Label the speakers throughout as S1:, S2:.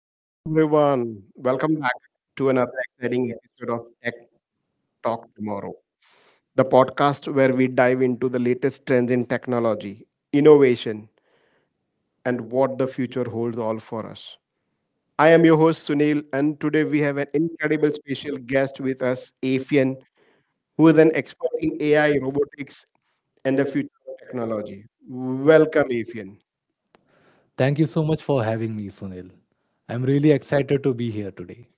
S1: Hey everyone, welcome back to another exciting episode of Tech Talk Tomorrow, the podcast where we dive into the latest trends in technology, innovation, and what the future holds all for us. I am your host Sunil, and today we have an incredible special guest with us, Afian, who is an expert in AI, robotics, and the future of technology. Welcome, Afian.
S2: Thank you so much for having me, Sunil. I'm really excited to be here today.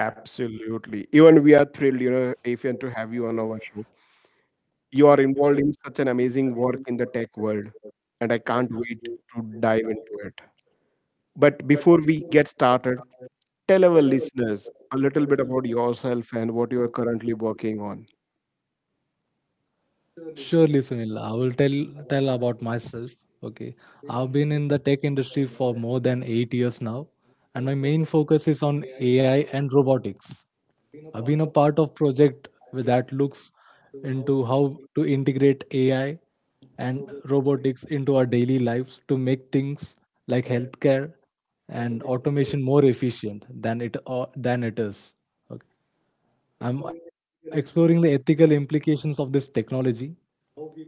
S1: Absolutely. Even we are thrilled, you know, Afian, to have you on our show. You are involved in such an amazing work in the tech world, and I can't wait to dive into it. But before we get started, tell our listeners a little bit about yourself and what you are currently working on.
S2: Surely, Sunil, I will tell about myself. Okay, I've been in the tech industry for more than 8 years now, and my main focus is on AI and robotics. I've been a part of project with that looks into how to integrate AI and robotics into our daily lives to make things like healthcare and automation more efficient than it is. Okay? I'm exploring the ethical implications of this technology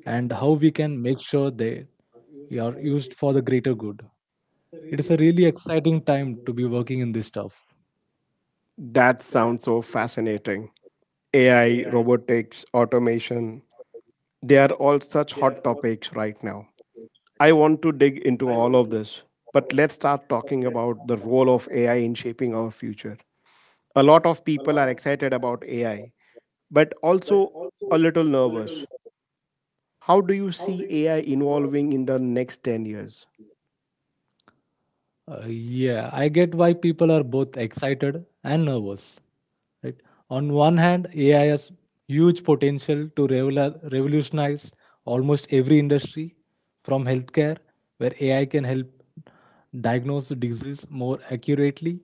S2: and how we can make sure they are used for the greater good. It is a really exciting time to be working in this stuff.
S1: That sounds so fascinating. AI, robotics, automation, they are all such hot topics right now. I want to dig into all of this, but let's start talking about the role of AI in shaping our future. A lot of people are excited about AI, but also a little nervous. How do you see AI evolving in the next 10 years?
S2: Yeah, I get why people are both excited and nervous. Right? On one hand, AI has huge potential to revolutionize almost every industry, from healthcare, where AI can help diagnose the disease more accurately,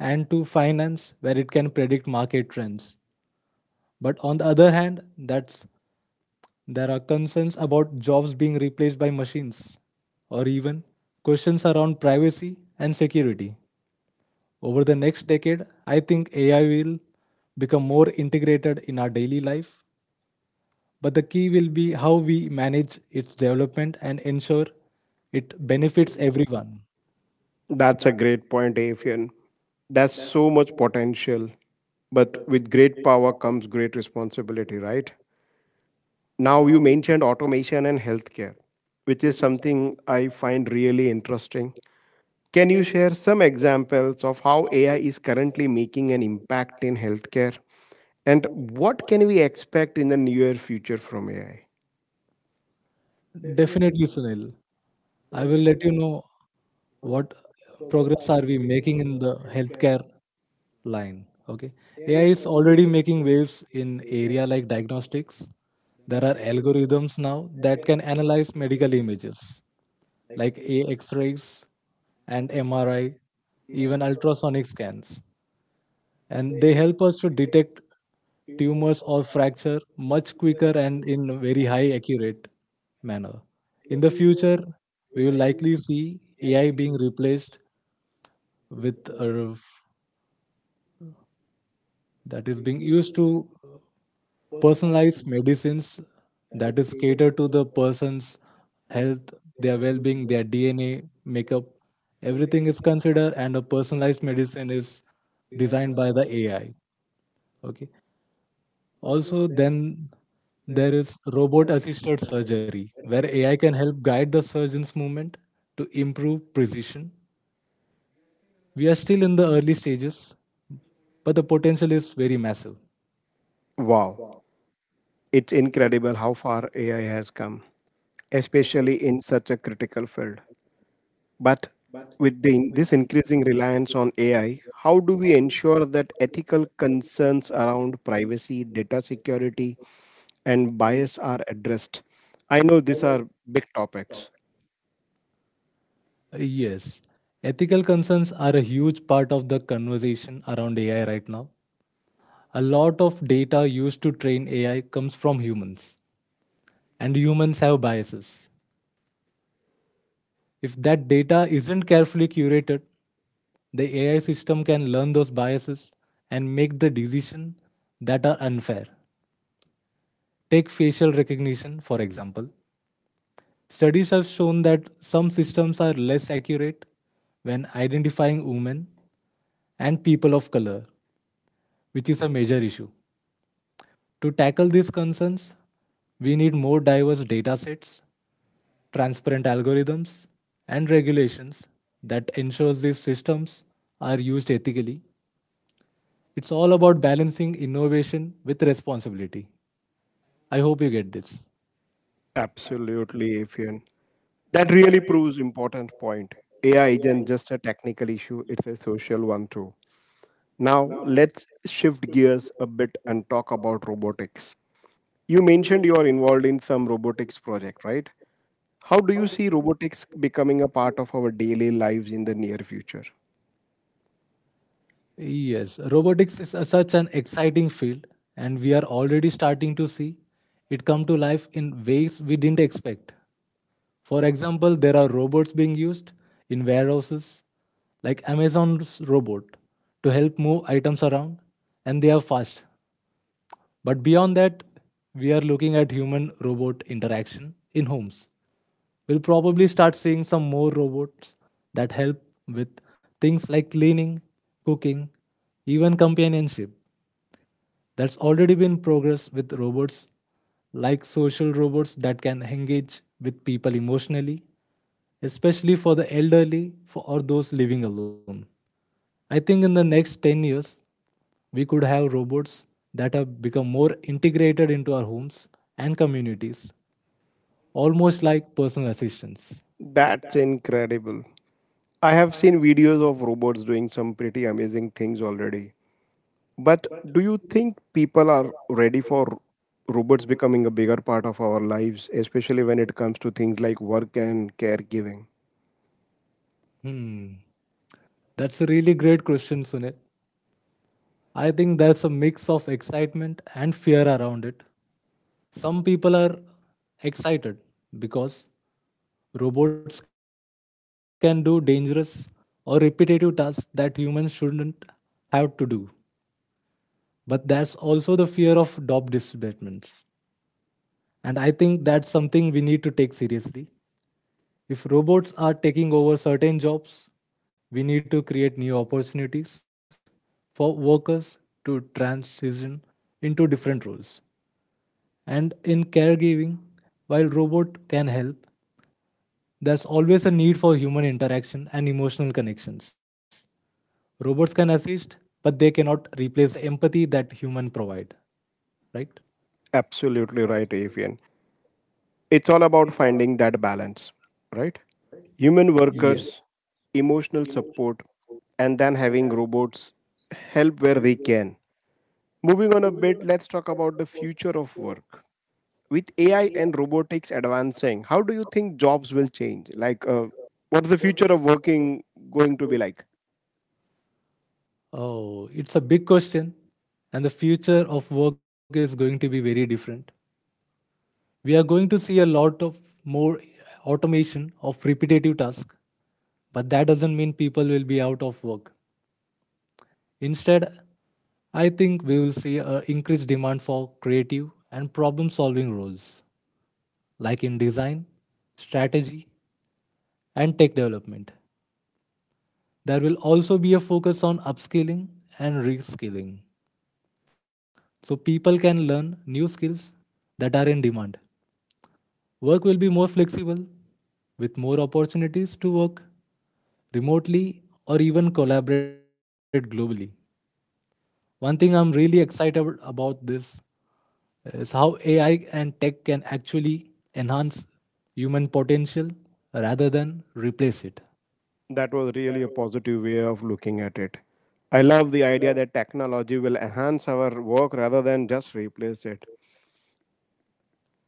S2: and to finance, where it can predict market trends. But on the other hand, that's there are concerns about jobs being replaced by machines, or even questions around privacy and security. Over the next decade, I think AI will become more integrated in our daily life, but the key will be how we manage its development and ensure it benefits everyone.
S1: That's a great point, Afian. There's so much potential, but with great power comes great responsibility, right? Now, you mentioned automation and healthcare, which is something I find really interesting. Can you share some examples of how AI is currently making an impact in healthcare? And what can we expect in the near future from AI?
S2: Definitely, Sunil. I will let you know what progress are we making in the healthcare line. Okay. AI is already making waves in area like diagnostics. There are algorithms now that can analyze medical images like a x-rays and MRI, even ultrasonic scans. And they help us to detect tumors or fracture much quicker and in a very high accurate manner. In the future, we will likely see AI being replaced with that is being used to personalized medicines that is catered to the person's health, their well-being, their DNA, makeup, everything is considered and a personalized medicine is designed by the AI. Okay. Also then there is robot assisted surgery where AI can help guide the surgeon's movement to improve precision. We are still in the early stages, but the potential is very massive.
S1: Wow, it's incredible how far AI has come, especially in such a critical field. But with this increasing reliance on AI, how do we ensure that ethical concerns around privacy, data security, and bias are addressed? I know these are big topics.
S2: Yes, ethical concerns are a huge part of the conversation around AI right now. A lot of data used to train AI comes from humans, and humans have biases. If that data isn't carefully curated, the AI system can learn those biases and make the decision that are unfair. Take facial recognition, for example. Studies have shown that some systems are less accurate when identifying women and people of color, which is a major issue. To tackle these concerns, we need more diverse data sets, transparent algorithms, and regulations that ensures these systems are used ethically. It's all about balancing innovation with responsibility. I hope you get this.
S1: Absolutely, Afian. That really proves important point. AI isn't just a technical issue, it's a social one too. Now, let's shift gears a bit and talk about robotics. You mentioned you are involved in some robotics project, right? How do you see robotics becoming a part of our daily lives in the near future?
S2: Yes, robotics is such an exciting field, and we are already starting to see it come to life in ways we didn't expect. For example, there are robots being used in warehouses, like Amazon's robot, to help move items around, and they are fast. But beyond that, we are looking at human robot interaction in homes. We'll probably start seeing some more robots that help with things like cleaning, cooking, even companionship. That's already been progress with robots, like social robots that can engage with people emotionally, especially for the elderly for, or those living alone. I think in the next 10 years, we could have robots that have become more integrated into our homes and communities, almost like personal assistants.
S1: That's incredible. I have seen videos of robots doing some pretty amazing things already. But do you think people are ready for robots becoming a bigger part of our lives, especially when it comes to things like work and caregiving?
S2: Hmm. That's a really great question, Sunil. I think there's a mix of excitement and fear around it. Some people are excited because robots can do dangerous or repetitive tasks that humans shouldn't have to do. But that's also the fear of job displacements. And I think that's something we need to take seriously. If robots are taking over certain jobs, we need to create new opportunities for workers to transition into different roles. And in caregiving, while robot can help, there's always a need for human interaction and emotional connections. Robots can assist, but they cannot replace empathy that human provide, right?
S1: Absolutely right, Avian. It's all about finding that balance, right? Human workers, emotional support, and then having robots help where they can. Moving on a bit, let's talk about the future of work. With AI and robotics advancing, how do you think jobs will change? What's the future of working going to be like?
S2: Oh, it's a big question, and the future of work is going to be very different. We are going to see a lot of more automation of repetitive tasks, but that doesn't mean people will be out of work. Instead, I think we will see an increased demand for creative and problem solving roles, like in design, strategy, and tech development. There will also be a focus on upskilling and reskilling so people can learn new skills that are in demand. Work will be more flexible with more opportunities to work remotely or even collaborate globally. One thing I'm really excited about this is how AI and tech can actually enhance human potential rather than replace it.
S1: That was really a positive way of looking at it. I love the idea that technology will enhance our work rather than just replace it.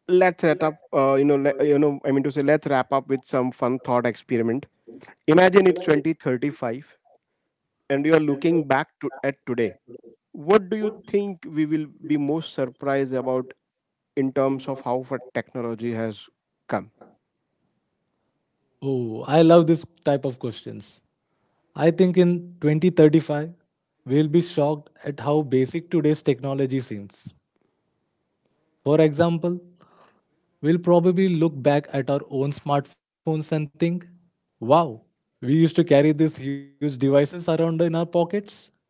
S1: Let's wrap up you know le- you know I mean to say let's wrap up with some fun thought experiment. Imagine it's 2035 and you are looking back to at today. What do you think we will be most surprised about in terms of how far technology has come?
S2: Oh, I love this type of questions. I think in 2035, we'll be shocked at how basic today's technology seems. For example, we'll probably look back at our own smartphones and think, wow, we used to carry these huge devices around in our pockets.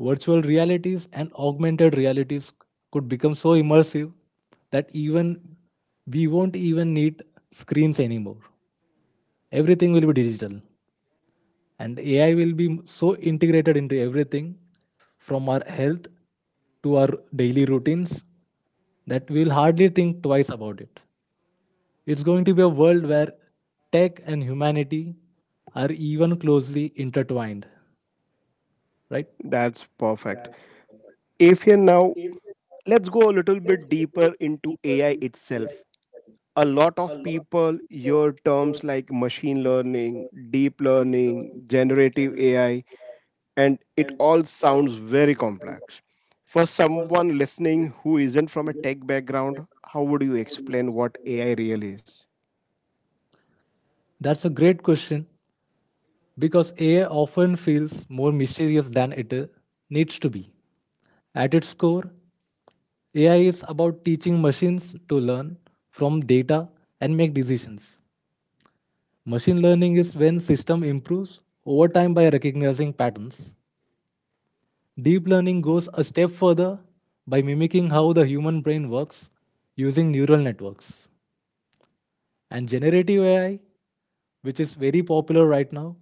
S2: Virtual realities and augmented realities could become so immersive that even we won't even need screens anymore. Everything will be digital. And AI will be so integrated into everything, from our health to our daily routines, that we will hardly think twice about it. It's going to be a world where tech and humanity are even closely intertwined, right?
S1: That's perfect. If you now, let's go a little bit deeper into AI itself. A lot of people hear terms like machine learning, deep learning, generative AI, and it all sounds very complex. For someone listening who isn't from a tech background, how would you explain what AI really is?
S2: That's a great question because AI often feels more mysterious than it needs to be. At its core, AI is about teaching machines to learn from data and make decisions. Machine learning is when system improves over time by recognizing patterns. Deep learning goes a step further by mimicking how the human brain works using neural networks. And generative AI, which is very popular right now,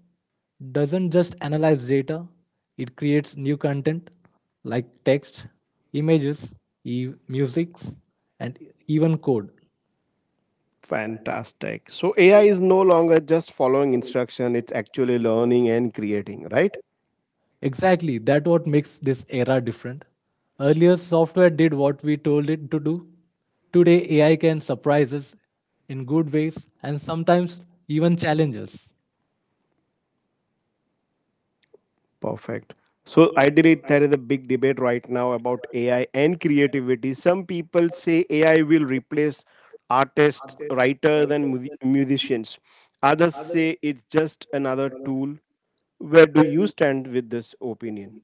S2: doesn't just analyze data, it creates new content like text, images, music, and even code.
S1: Fantastic. So AI is no longer just following instruction, it's actually learning and creating, right?
S2: Exactly, that what makes this era different. Earlier software did what we told it to do. Today AI can surprise us in good ways and sometimes even challenge us.
S1: Perfect. So ideally, there is a big debate right now about AI and creativity. Some people say AI will replace artists, writers, and musicians. Others say it's just another tool. Where do you stand with this opinion?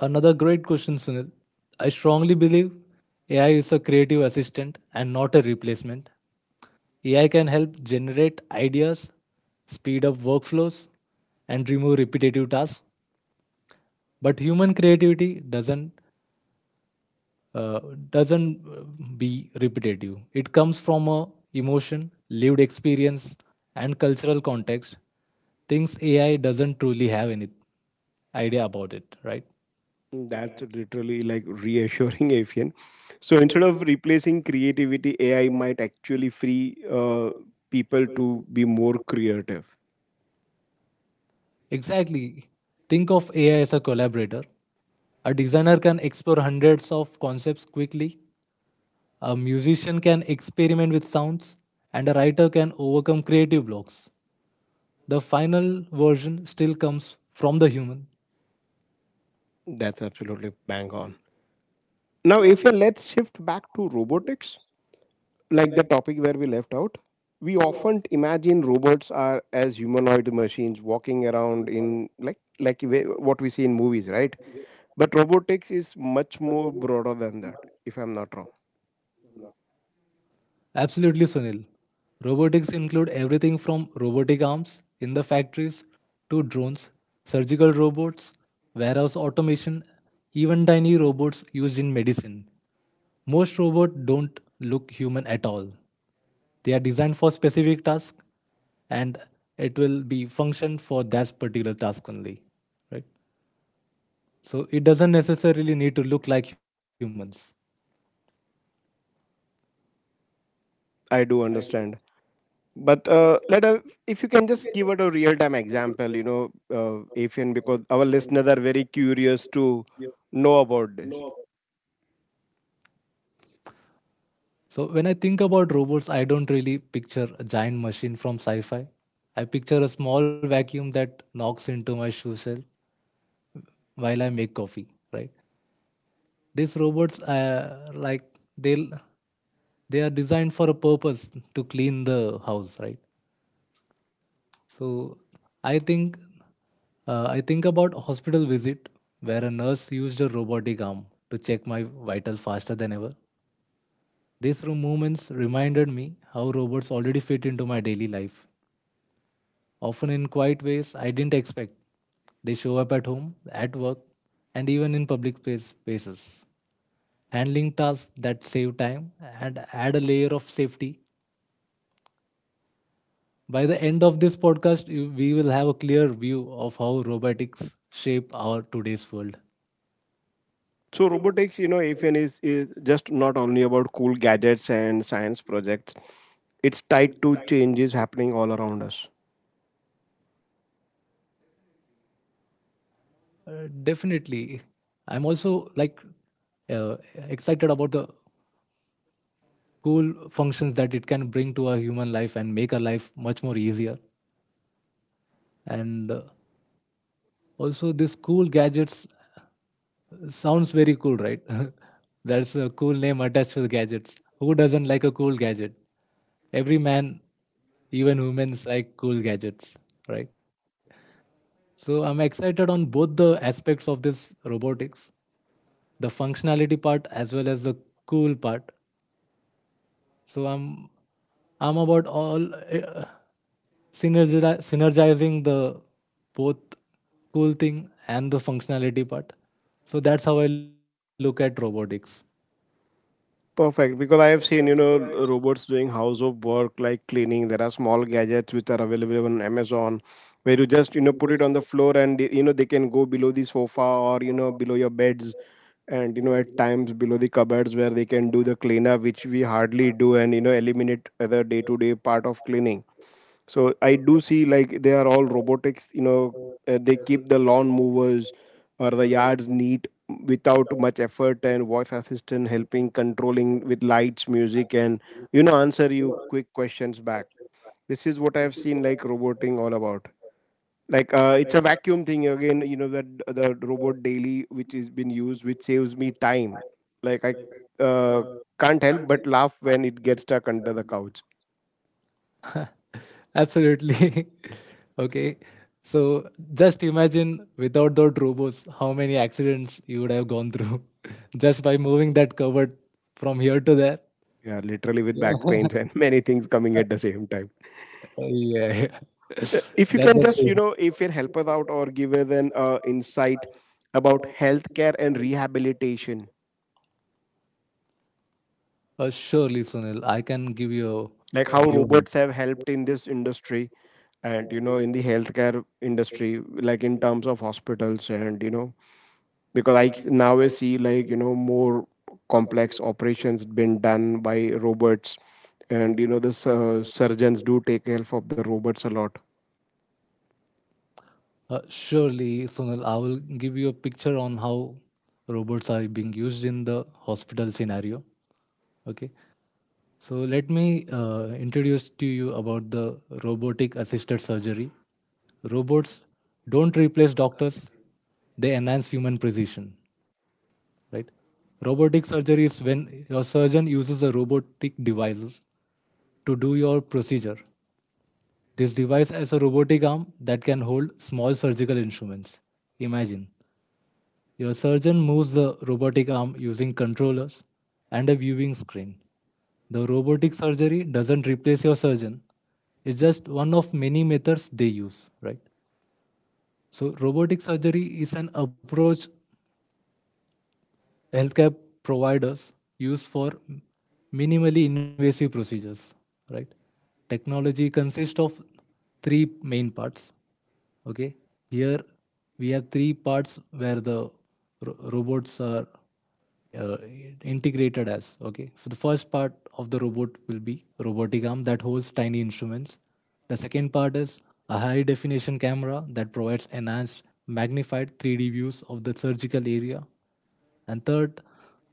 S2: Another great question, Sunil. I strongly believe AI is a creative assistant and not a replacement. AI can help generate ideas, speed up workflows and remove repetitive tasks, but human creativity uh, doesn't be repetitive. It comes from a emotion, lived experience, and cultural context. Things AI doesn't truly have any idea about it, right?
S1: That's literally like reassuring, Afian. So instead of replacing creativity, AI might actually free people to be more creative.
S2: Exactly. Think of AI as a collaborator. A designer can explore hundreds of concepts quickly. A musician can experiment with sounds, and a writer can overcome creative blocks. The final version still comes from the human.
S1: That's absolutely bang on. Now, if we let's shift back to robotics, like the topic where we left out. We often imagine robots are as humanoid machines walking around in like what we see in movies, right? But robotics is much more broader than that, if I'm not wrong.
S2: Absolutely, Sunil. Robotics include everything from robotic arms in the factories to drones, surgical robots, warehouse automation, even tiny robots used in medicine. Most robots don't look human at all. They are designed for specific tasks and it will be function for that particular task only. Right? So it doesn't necessarily need to look like humans.
S1: I do understand. But let us, if you can just give it a real time example, you know, Afian, because our listeners are very curious to know about this.
S2: So when I think about robots, I don't really picture a giant machine from sci-fi. I picture a small vacuum that knocks into my shoe shell while I make coffee. Right? These robots, uh, like they they are designed for a purpose to clean the house. Right? So I think I think about hospital visit where a nurse used a robotic arm to check my vital faster than ever. Moments reminded me how robots already fit into my daily life often in quiet ways I didn't expect. They show up at home, at work, and even in spaces, handling tasks that save time and add a layer of safety. By the end of this podcast, we will have a clear view of how robotics shape our today's world.
S1: So robotics, you know, AFN is just not only about cool gadgets and science projects. It's tied to changes happening all around us.
S2: Definitely. I'm also uh, excited about the cool functions that it can bring to our human life and make our life much more easier and also, this cool gadgets sounds very cool, right? That's a cool name attached to the gadgets. Who doesn't like a cool gadget? Every man, even humans, like cool gadgets, right? So I'm excited on both the aspects of this robotics, the functionality part as well as the cool part. So I'm about all synergizing the both cool thing and the functionality part. So that's how I look at robotics.
S1: Perfect, because I have seen, you know, robots doing house of work like cleaning. There are small gadgets which are available on Amazon where you just, you know, put it on the floor and, you know, they can go below the sofa or, you know, below your beds and, you know, at times below the cupboards where they can do the cleanup, which we hardly do and, you know, eliminate other day to day part of cleaning. So I do see like they are all robotics. You know, they keep the lawn movers or the yards neat without much effort, and voice assistant helping controlling with lights, music, and you know answer you quick questions back. This is what I have seen like roboting all about. Like it's a vacuum thing again. You know that the robot daily which is been used, which saves me time. I uh, can't help but laugh when it gets stuck under the couch.
S2: Absolutely. Okay. So just imagine without those robots, how many accidents you would have gone through just by moving that cupboard from here to there.
S1: Yeah, literally with back
S2: Yeah.
S1: pains and many things coming at the same time.
S2: Yeah.
S1: If you
S2: That's
S1: can
S2: the
S1: just, you
S2: thing.
S1: know, if you help us out or give us an insight about healthcare and rehabilitation,
S2: Surely, Sunil, I can give you
S1: like
S2: a
S1: how
S2: view.
S1: robots have helped in this industry and, you know, in the healthcare industry, like in terms of hospitals and, you know, because now I see like, you know, more complex operations been done by robots and, you know, the surgeons do take help of the robots a lot.
S2: Surely, Sonal, I will give you a picture on how robots are being used in the hospital scenario. Okay, so let me introduce to you about the robotic assisted surgery. Robots don't replace doctors; they enhance human precision. Right? Robotic surgery is when your surgeon uses a robotic devices to do your procedure. This device has a robotic arm that can hold small surgical instruments. Imagine, your surgeon moves the robotic arm using controllers and a viewing screen. The robotic surgery doesn't replace your surgeon. It's just one of many methods they use, right? So robotic surgery is an approach healthcare providers use for minimally invasive procedures, right? Technology consists of three main parts. Okay, here we have three parts where the robots are uh, integrated as. Okay, so the first part of the robot will be robotic arm that holds tiny instruments. The second part is a high definition camera that provides enhanced magnified 3D views of the surgical area. And third,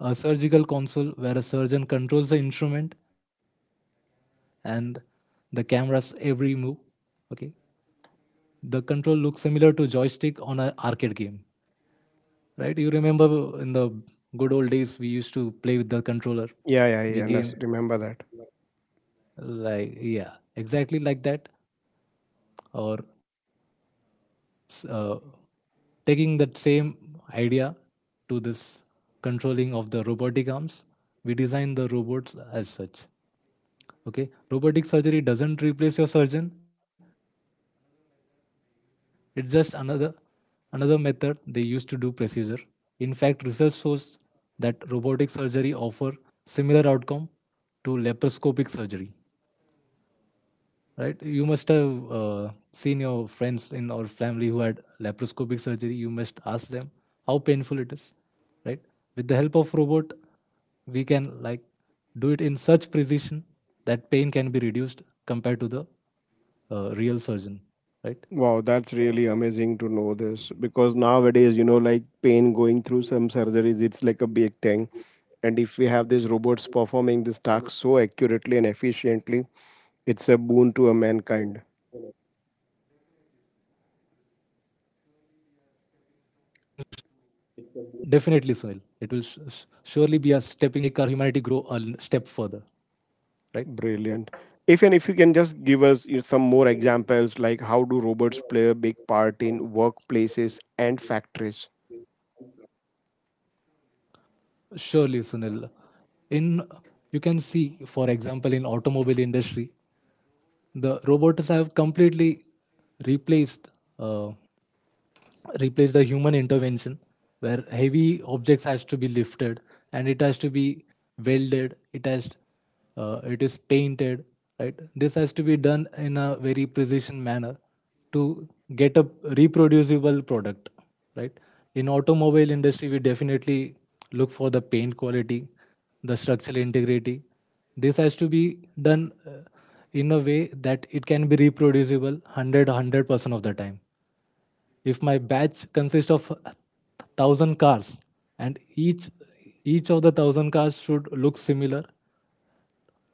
S2: a surgical console where a surgeon controls the instrument and the camera's every move. Okay. The control looks similar to joystick on an arcade game, right? You remember in the good old days we used to play with the controller.
S1: Yeah, yeah,
S2: We Yeah.
S1: yeah, and I
S2: game
S1: s- remember that.
S2: like, yeah, exactly like that. Or s- uh, taking that same idea to this controlling of the robotic arms, we design the robots as such. Okay, robotic surgery doesn't replace your surgeon, it's just another method they use to do procedure. In fact, research shows that robotic surgery offer similar outcome to laparoscopic surgery, right? You must have seen your friends in or family who had laparoscopic surgery. You must ask them how painful it is, right? With the help of robot, we can like do it in such precision that pain can be reduced compared
S1: Wow,
S2: to the
S1: that's really amazing to know this
S2: real
S1: because
S2: surgeon,
S1: nowadays, you
S2: right?
S1: know, like pain going through some surgeries, it's like a big thing. And if we have these robots performing this task so accurately and efficiently, it's a boon to a mankind.
S2: Definitely, Sunil. It surely be a stepping stone to make our humanity grow a step further,
S1: Brilliant.
S2: right?
S1: If you can just give us you know, some more examples, like how do robots play a big part in workplaces and factories?
S2: Surely, Sunil. In, you can see, for example, in automobile industry, the robots have completely replaced uh, replace the human intervention where heavy objects has to be lifted and it has to be welded, it has it is painted, right? This has to be done in a very precision manner to get a reproducible product, right? In automobile industry we definitely look for the paint quality, the structural integrity. This has to be done in a way that it can be reproducible 100% of the time. If my batch consists of thousand cars and each of the thousand cars should look similar.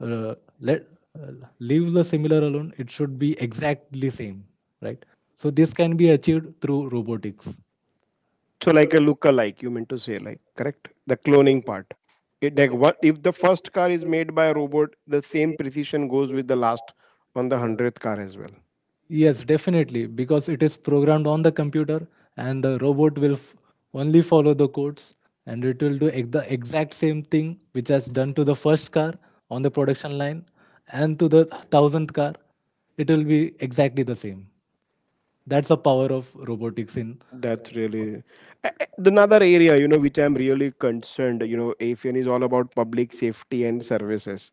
S2: Uh, let uh, leave the similar alone, it should be exactly same, right? So this can be achieved through robotics.
S1: So like a look-alike, you meant to say, like correct? The cloning part. It, like what if the first car is made by a robot? The same precision goes with the last on the 100th car as well.
S2: Yes, definitely, because it is programmed on the computer and the robot will only follow the codes, and it will do the exact same thing which has done to the first car on the production line, and to the thousandth car. It will be exactly the same. That's the power of robotics in.
S1: That's really the another area, you know, which I'm really concerned. You know, AFN is all about public safety and services.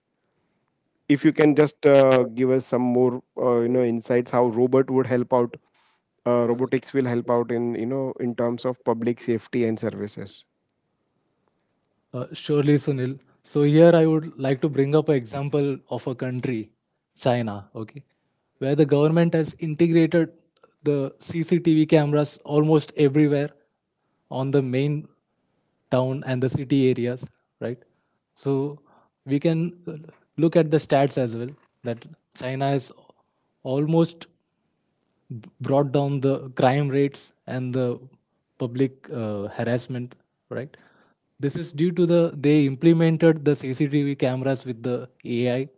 S1: If you can just give us some more, you know, insights how robot would help out, robotics will help out in you know in terms of public safety and services.
S2: Surely, Sunil. So here I would like to bring up an example of a country, China. Okay, where the government has integrated the CCTV cameras almost everywhere on the main town and the city areas, right? So we can look at the stats as well that China is almost brought down the crime rates and the public harassment, right? This is due to the, they implemented the CCTV cameras with the AI.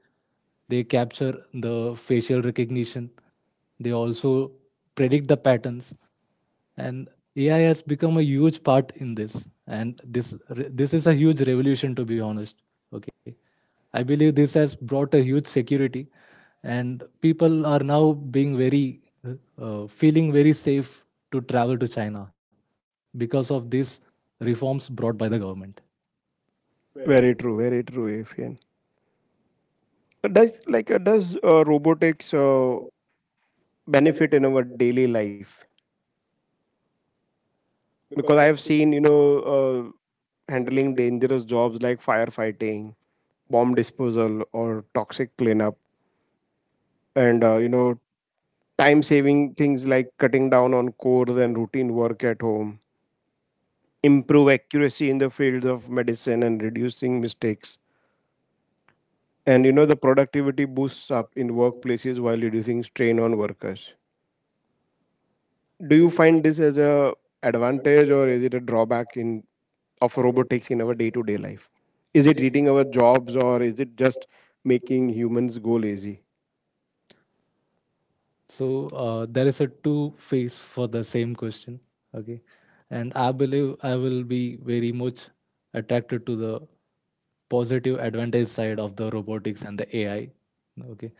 S2: They capture the facial recognition, they also predict the patterns, and AI has become a huge part in this. And this is a huge revolution, to be honest. Okay, I believe this has brought a huge security, and people are now being very feeling very safe to travel to China because of these reforms brought by the government.
S1: Very true. Very true. AFN. Does does robotics benefit in our daily life because I have seen you know handling dangerous jobs like firefighting, bomb disposal or toxic cleanup, and you know time saving things like cutting down on chores and routine work at home, improve accuracy in the fields of medicine and reducing mistakes, and you know the productivity boosts up in workplaces while reducing strain on workers. Do you find this as a advantage or is it a drawback in of robotics in our day to day life? Is it eating our jobs or is it just making humans go lazy?
S2: So there is a two face for the same question. Okay, and I believe I will be very much attracted to the positive advantage side of the robotics and the AI. Okay,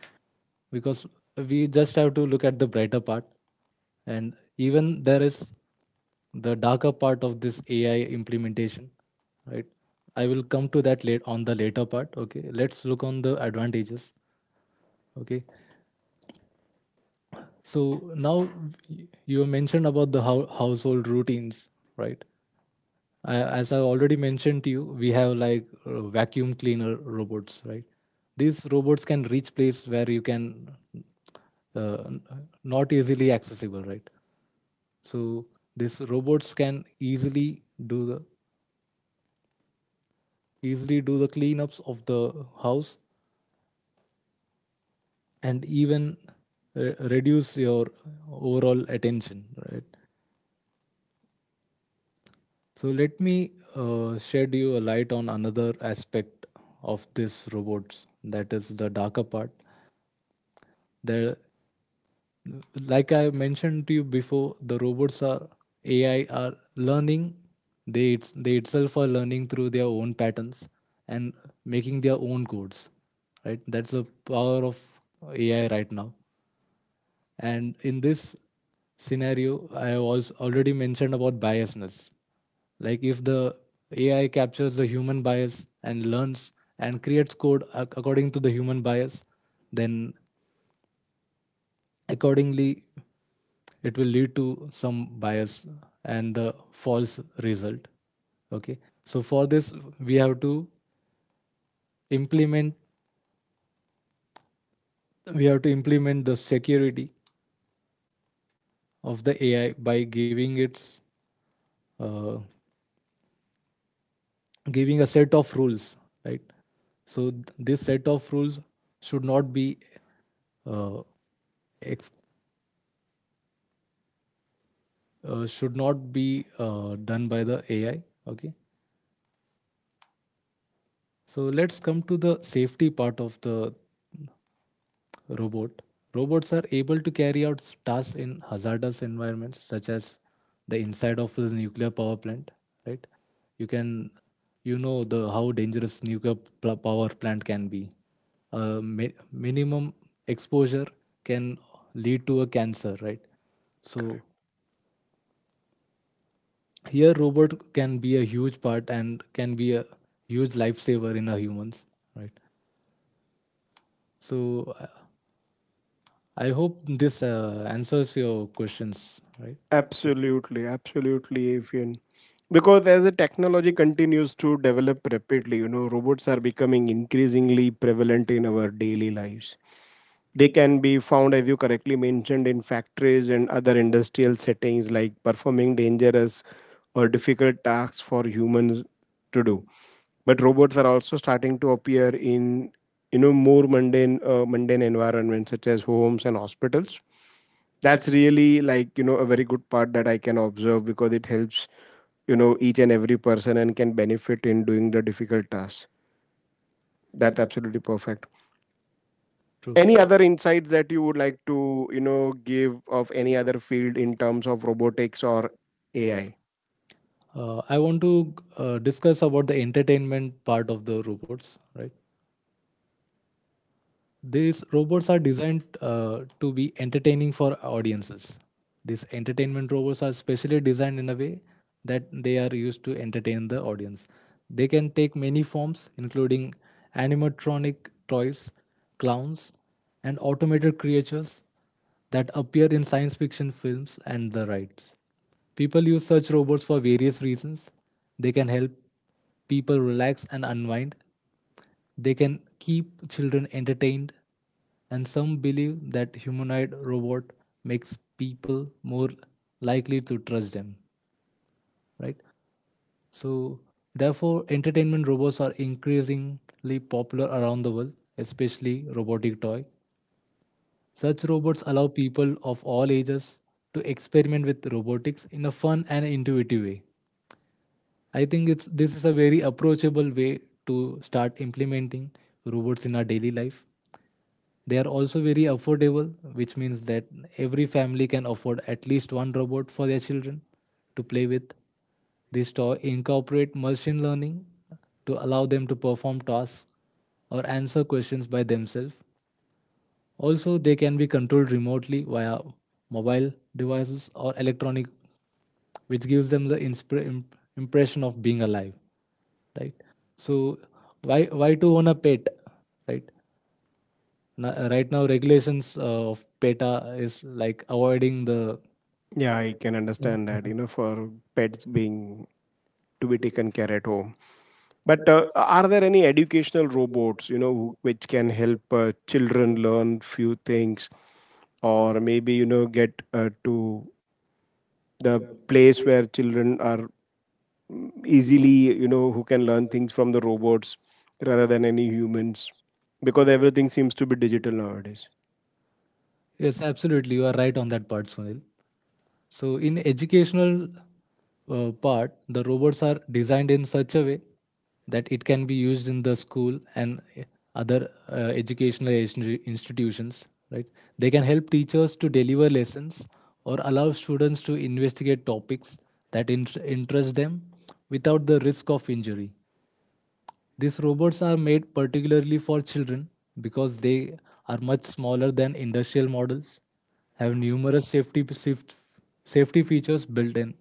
S2: because we just have to look at the brighter part, and even there is the darker part of this AI implementation, right? I will come to that late on the later part. Okay, let's look on the advantages. Okay, so now you mentioned about the household routines, right? I, as I already mentioned to you, we have like vacuum cleaner robots, right? These robots can reach place where you can uh, n- not easily accessible, right? So these robots can easily do the cleanups of the house and even reduce your overall attention, right? So let me shed you a light on another aspect of this robots that is the darker part. There, like I mentioned to you before, the robots are AI are learning. They itself are learning through their own patterns and making their own codes. Right, that's the power of AI right now. And in this scenario I was already mentioned about biasness, like if the AI captures the human bias and learns and creates code according to the human bias, then accordingly it will lead to some bias and the false result. Okay, so for this we have to implement implement the security of the AI by giving its uh, giving a set of rules, right? So this set of rules should not be uh, ex- should not be done by the AI. Okay, so let's come to the safety part of the robot. Robots are able to carry out tasks in hazardous environments, such as the inside of the nuclear power plant. Right? You can, you know, the how dangerous nuclear power plant can be. Minimum exposure can lead to a cancer. Right? So here, robot can be a huge part and can be a huge lifesaver in our humans. Right? So I hope this answers your questions, right? So,
S1: Absolutely, absolutely, Avian. Because as the technology continues to develop rapidly, you know, robots are becoming increasingly prevalent in our daily lives. They can be found, as you correctly mentioned, in factories and other industrial settings, like performing dangerous or difficult tasks for humans to do. But robots are also starting to appear in you know more mundane environments such as homes and hospitals. That's really like you know a very good part that I can observe because it helps you know each and every person and can benefit in doing the difficult tasks. That's absolutely perfect.
S2: true.
S1: Any other insights that you would like to you know give of any other field in terms of robotics or AI?
S2: I want to discuss about the entertainment part of the robots, right? These robots are designed to be entertaining for audiences. These entertainment robots are specially designed in a way that they are used to entertain the audience. They can take many forms including animatronic toys, clowns, and automated creatures that appear in science fiction films and the rights. People use such robots for various reasons. They can help people relax and unwind, they can keep children entertained, and some believe that humanoid robot makes people more likely to trust them, right? So, therefore, entertainment robots are increasingly popular around the world, especially robotic toy. Such robots allow people of all ages to experiment with robotics in a fun and intuitive way. I think it's this is a very approachable way to start implementing robots in our daily life. They are also very affordable, which means that every family can afford at least one robot for their children to play with. These toys incorporate machine learning to allow them to perform tasks or answer questions by themselves. Also, they can be controlled remotely via mobile devices or electronic, which gives them the impression of being alive, right? So, why to own a pet, right? Right now regulations of PETA is like avoiding the.
S1: Yeah, I can understand that, you know, for pets being to be taken care at home. But are there any educational robots, you know, which can help children learn few things or maybe, you know, get to the place where children are easily, you know, who can learn things from the robots rather than any humans? Because everything seems to be digital nowadays.
S2: Yes, absolutely. You are right on that part, Sunil. So, in educational part, the robots are designed in such a way that it can be used in the school and other educational institutions. Right? They can help teachers to deliver lessons or allow students to investigate topics that interest them without the risk of injury. These robots are made particularly for children because they are much smaller than industrial models, have numerous safety features built in,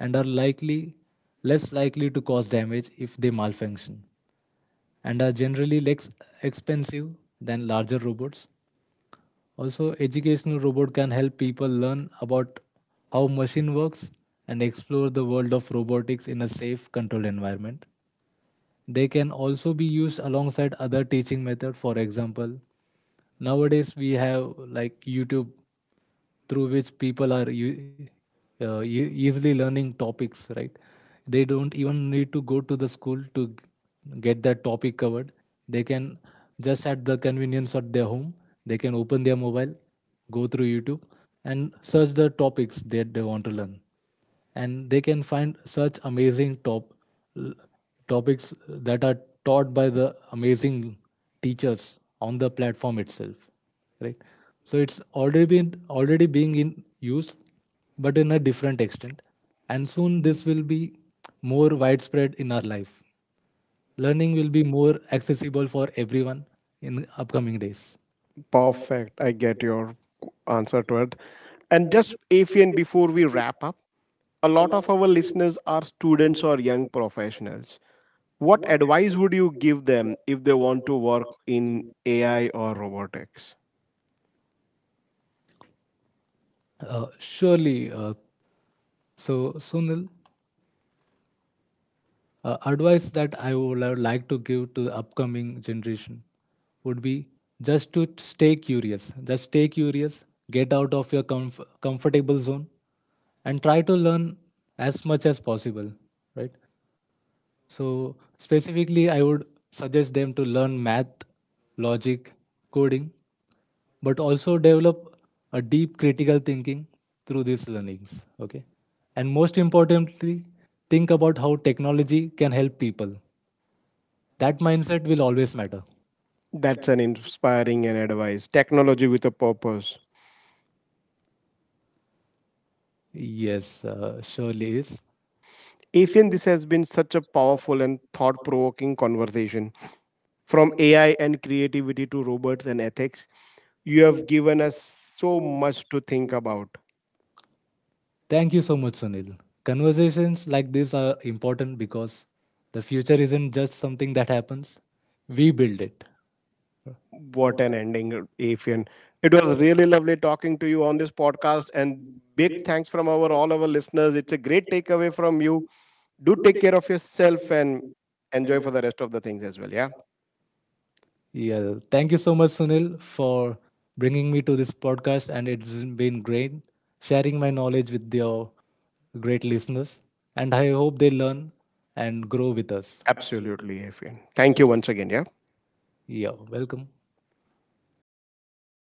S2: and are likely less likely to cause damage if they malfunction, and are generally less expensive than larger robots. Also, educational robot can help people learn about how machine works and explore the world of robotics in a safe, controlled environment. They can also be used alongside other teaching method. For example, nowadays we have like YouTube through which people are easily learning topics, right? They don't even need to go to the school to get that topic covered. They can just at the convenience of their home, they can open their mobile, go through YouTube and search the topics that they want to learn, and they can find such amazing topics that are taught by the amazing teachers on the platform itself, right? So it's already being in use but in a different extent, and soon this will be more widespread in our life. Learning will be more accessible for everyone in upcoming days.
S1: Perfect. I get your answer to it. And just if and before we wrap up, a lot of our listeners are students or young professionals. What advice would you give them if they want to work in AI or robotics?
S2: Surely so Sunil, advice that I would have liked to give to the upcoming generation would be just to stay curious. Just stay curious, get out of your comfortable zone, and try to learn as much as possible, right? So, specifically, I would suggest them to learn math, logic, coding, but also develop a deep critical thinking through these learnings, okay? And most importantly, think about how technology can help people. That mindset will always matter.
S1: That's an inspiring and advice. Technology with a purpose.
S2: Yes, surely is.
S1: Ethan, this has been such a powerful and thought provoking conversation. From AI and creativity to robots and ethics, you have given us so much to think about.
S2: Thank you so much, Sunil. Conversations like this are important because the future isn't just something that happens, we build it.
S1: What an ending, Afian. It was really lovely talking to you on this podcast and big thanks from our all our listeners. It's a great takeaway from you. Do take care of yourself and enjoy for the rest of the things as well. Yeah.
S2: Yeah, thank you so much, Sunil, for bringing me to this podcast, and it's been great sharing my knowledge with your great listeners. And I hope they learn and grow with us.
S1: Absolutely, Afian. Thank you once again. Yeah.
S2: Yeah, welcome.